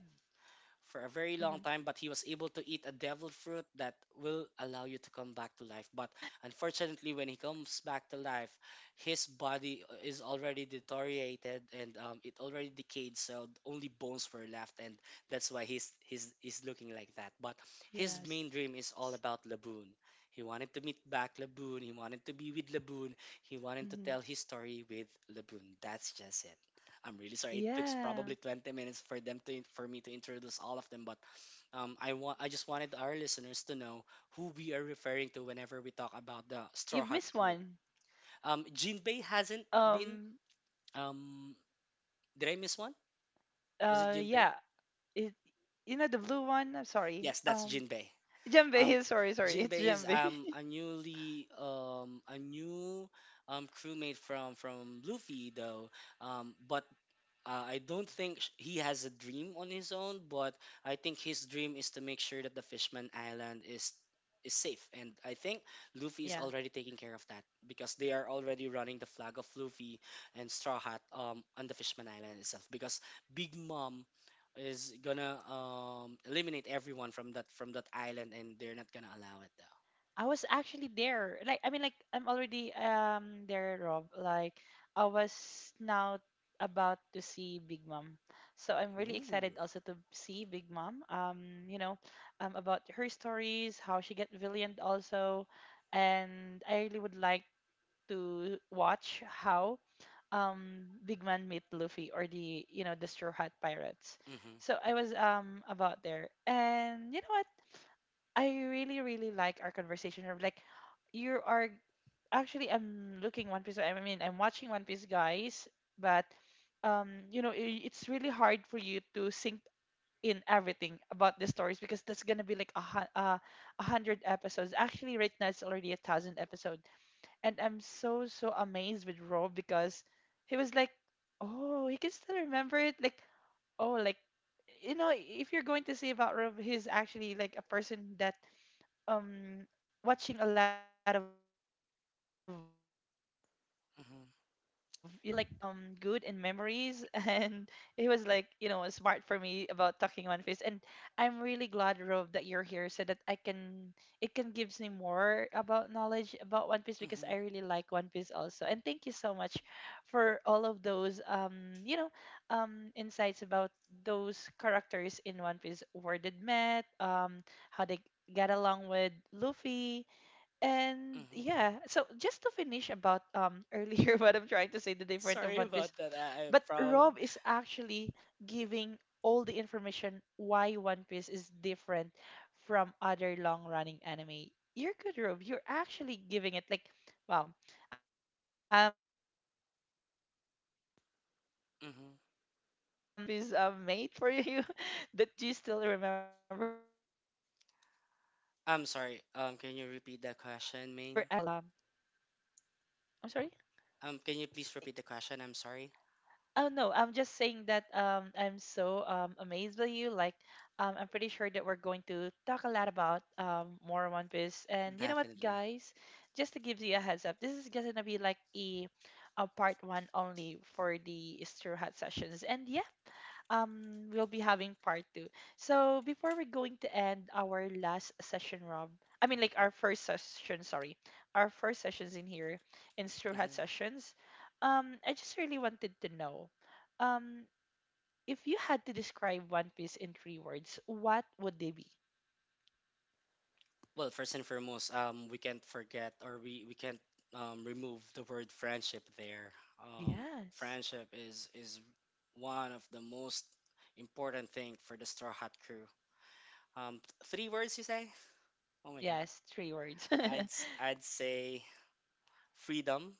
for a very long time, but he was able to eat a devil fruit that <laughs> will Yeah. allow you to come back to life. But unfortunately, when he comes back to life, his body is already deteriorated and it already decayed, so only bones were left, and that's why he's looking like that. But his main Yes. dream is all about Laboon. He wanted to meet back Laboon. He wanted to be with Laboon. He Hmm. wanted to tell his story with Laboon. That's just it. I'm really sorry. It took probably Yeah. 20 minutes for them to for me to introduce all of them, but I want I just wanted our listeners to know who we are referring to whenever we talk about the Straw You've Hat missed crew. one. Jinbei hasn't been. Um. Um, did I miss one? Was it Jinbei? Yeah. It. You know the blue one. I'm sorry. Yes, that's Jinbei. Um, Djembe. <laughs> Sorry. Sorry. It's Jinbei is djembe. <laughs> A newly a new crewmate from Luffy though. But I don't think he has a dream on his own, but I think his dream is to make sure that the Fishman Island is safe. And I think Luffy is Yeah. already taking care of that because they are already running the flag of Luffy and Straw Hat on the Fishman Island itself. Because Big Mom is gonna eliminate everyone from that island, and they're not gonna allow it though. I was actually there. Like I mean like I'm already there, Rob. Like I was now about to see Big Mom. So I'm really excited Ooh. also to see Big Mom. You know, about her stories, how she get villained also. And I really would like to watch how Big Man meet Luffy or the you know the Straw Hat Pirates. Mhm. So I was about there. And you know what? I really, really like our conversation. Of Like, you are actually, I'm looking One Piece. I mean, I'm watching One Piece, guys. But, you know, I it's really hard for you to sink in everything about the stories because that's gonna be like a hundred episodes. Actually, right now it's already a thousand episode, and I'm so amazed with Rob because he was like, oh, he can still remember it. Like, oh, like you know, if you're going to see about Rob, he's actually like a person that um watching a lot of, you know um of anime, but I could tell like Mhm. Rove is like good in memories <laughs> and he was like, you know, smart for me about talking One Piece. And I'm really glad, Rove, that you're here so that I can it can gives me more about knowledge about One Piece because I Mhm. really like One Piece also. And thank you so much for all of those insights about those characters in One Piece where they met, how they get along with Luffy and Mhm. yeah, so just to finish about <laughs> earlier what I'm trying to say, the different of Sorry One Piece, about that. I but probably. Rob is actually giving all the information why One Piece is different from other long-running anime. You're good, Rob. You're actually giving it like, wow, my my hands is <laughs> on you. Like, I was so like Mhm. a proud <laughs> One Piece made for you <laughs> that you still remember everything about it. So I'm pretty I'm sure that sorry. we're going to Can take you a repeat the question, Main? I'm sorry. Can you please repeat the question? I'm sorry. Oh no, I'm just saying that I'm so amazed by you. Like I'm pretty sure that we're going to talk a lot about more One Piece. And you know what, Definitely. guys? Just to give you a heads up, this is gonna be like a part one only for the Straw Hat sessions. And yeah, we'll be having part two. So before we're going to end our last session, Rob. I mean like our first session, sorry. Our first sessions in here in Straw Hat hmm Sessions. I just really wanted to know. Um if you had to describe One Piece in three words, what would they be? Well, first and foremost, we can't forget, or we can't remove the word friendship there. Um, Yes. friendship is one of the most important thing for the Straw Hat crew. Three words you say? Oh my God. Yes, three words. <laughs> Hmm. I'd say freedom.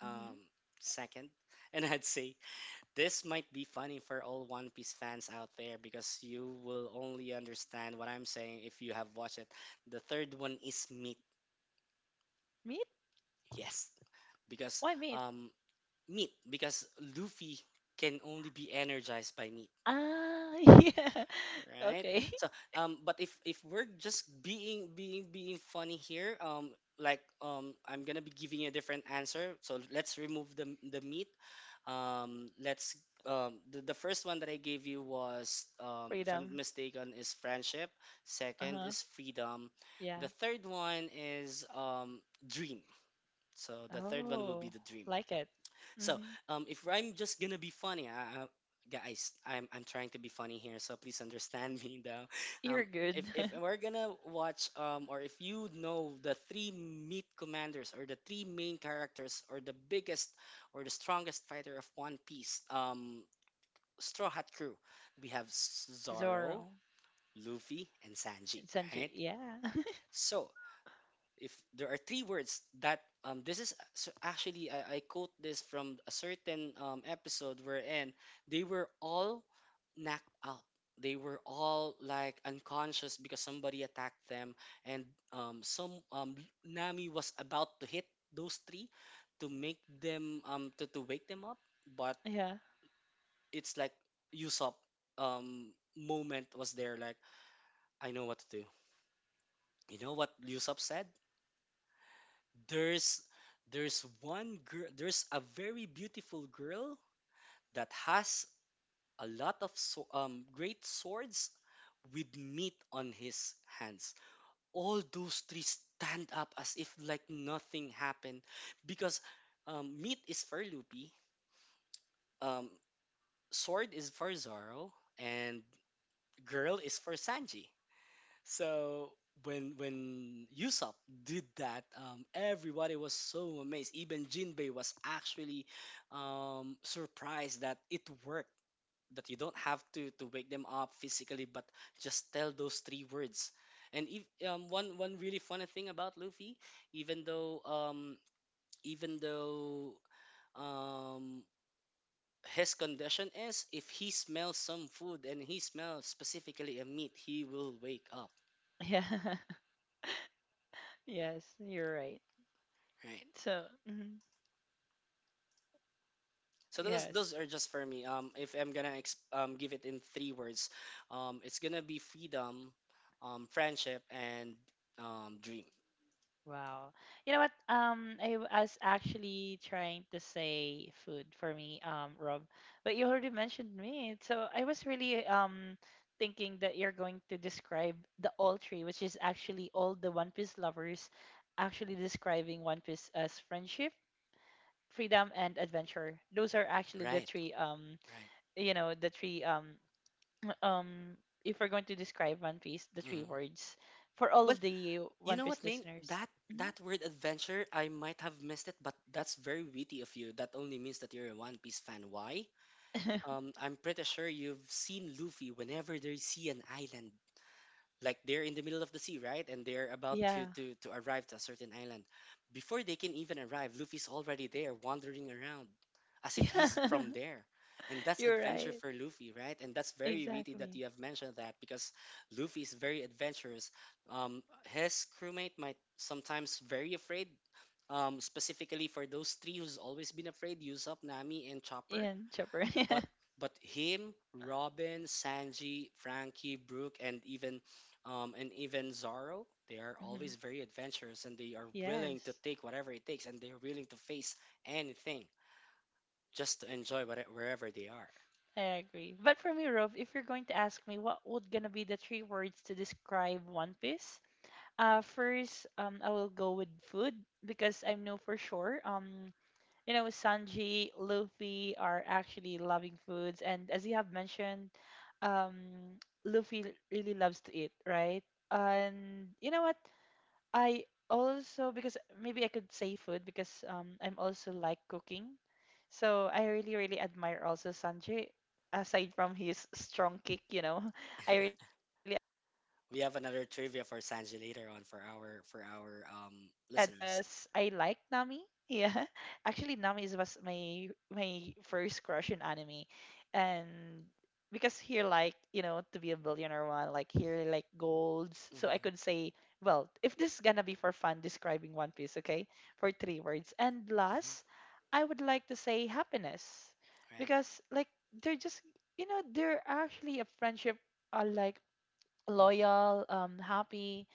Um, second, <laughs> and I'd say this might be funny for all One Piece fans out there, because you will only understand what I'm saying if you have watched it. The third one is meat. Meat? Yes, because Why meat? um meat because Luffy can only be energized by meat. Ah, <laughs> yeah. Right, Okay. so but if we're just being funny here, I'm gonna be giving a different answer, so let's remove the meat. Let's The first one that I gave you was, <laughs> if I'm not Freedom. mistaken, is friendship. Second Uh-huh. is freedom. Yeah. The third one is dream. So the third one will be Oh, the dream. like it. So, Hmm. If I'm just gonna be funny, guys, I'm trying to be funny here, so please understand <laughs> me though. You're Um, if good. if <laughs> we're gonna watch, or if you know the three meat commanders, or the three main characters, or the biggest or the strongest fighter of One Piece, Straw Hat Crew, we have Zoro, Zoro. Luffy, and Sanji, Sanji. right? Yeah. So, if there are three words that, so actually I quote this from a certain episode wherein they were all knocked out. They were all like unconscious because somebody attacked them. And some Nami was about to hit those three to make them to wake them up, but <laughs> Yeah. it's like Usopp Hmm. Moment was there like, I know what to do. You know what Usopp said? There's there's one girl. There's a very beautiful girl that has a lot of great swords with meat on his hands. Hmm. All those three stand up as if like nothing happened, because meat is for Luffy, um, sword is for Zoro, and girl is for Sanji. So, when Usopp did that, everybody was so amazed. Even Jinbei was actually surprised that it worked. That you don't have to wake them up physically, but just tell those three words. And if, one really funny thing about Luffy, even though um, even though um, his condition is, if he smells some food and he smells specifically a meat, he will wake up. Yeah. <laughs> Yes, you're right. Right. So, mhm. So those Yes. are just for me. If I'm gonna give it in three words, it's gonna be freedom, friendship, and dream. Wow. You know what? I was actually trying to say food for me, Rob, but you already mentioned meat. So I was really thinking that you're going to describe the all tree, which is actually all the One Piece lovers actually describing One Piece as friendship, freedom and adventure. Those are actually the Right, three right. The three <clears throat> um if we're going to describe one piece the three Hmm. words for all Well, of the you one know what, piece Main? listeners. That Mhm. that word adventure, I might have missed it, but that's very witty of you. That only means that you're a One Piece fan. Why? <laughs> I'm pretty sure you've seen Luffy whenever they see an island, like they're in the middle of the sea, right? And they're about to Yeah, to arrive to a certain island. Before they can even arrive, Luffy's already there, wandering around, as if yeah. he's from there. And <laughs> that's You're adventure right, for Luffy, right? And that's very witty that exactly. you have mentioned that, because Luffy is very adventurous. Um, his crewmate might sometimes very afraid. Specifically for those three who's always been afraid, Usopp, Nami, and Chopper. And Chopper. <laughs> Yeah. but but him, Robin, Sanji, Frankie, Brooke, and even Zoro, they are always Mhm. very adventurous and they are willing to Yes, take whatever it takes and they're willing to face anything just to enjoy what, wherever they are. I agree. But for me Rove, if you're going to ask me what would gonna be the three words to describe one piece, first I will go with food, because I know for sure, you know, Sanji, Luffy are actually loving foods, and as you have mentioned, um, really loves to eat, right? And you know what? I also because maybe I could say food because, I'm also like cooking. So I really, really admire also Sanjay. Aside from his strong kick, you know, <laughs> I really admire her for We his have another cooking trivia for skills. Sanji later And on for our second is wealth, listeners. because I like Nami. <laughs> Yeah, actually, was my first crush in anime, and because he like you know to be a billionaire one, like here like golds. Hmm. So I Hmm. could say, well, if this is gonna be for fun, describing One Piece, okay, for three words. And last I would like to say happiness Right, because like they're just you know they're actually a friendship are like loyal, happy.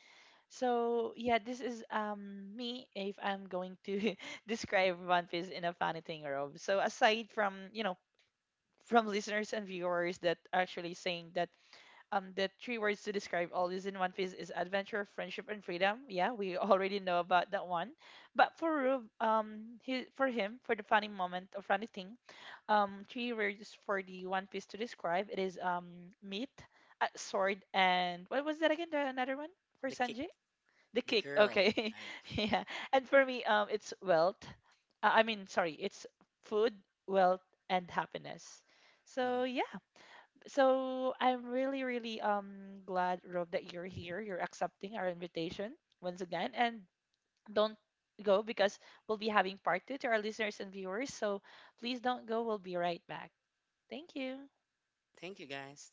So yeah, this is me if I'm going to <laughs> describe One Piece in a funny thing, Rob. So aside from, you know, from listeners and viewers that actually saying that the three words to describe all is in One Piece is adventure, friendship and freedom. Yeah, we <laughs> already know about that one, but for Rube, for him, for the funny moment or funny thing, three words for the One Piece to describe. It is meat, sword, and what was that again? The another one for the kick, Sanji? The the kick. girl. Okay, Right. <laughs> yeah. And for me, it's wealth. I mean, sorry, it's food, wealth, and happiness. So Hmm. yeah. So I'm really, really glad, Rob, that you're here. You're accepting our invitation once again, and don't go because we'll be having part two to our listeners and viewers. So please don't go. We'll be right back. Thank you. Thank you, guys.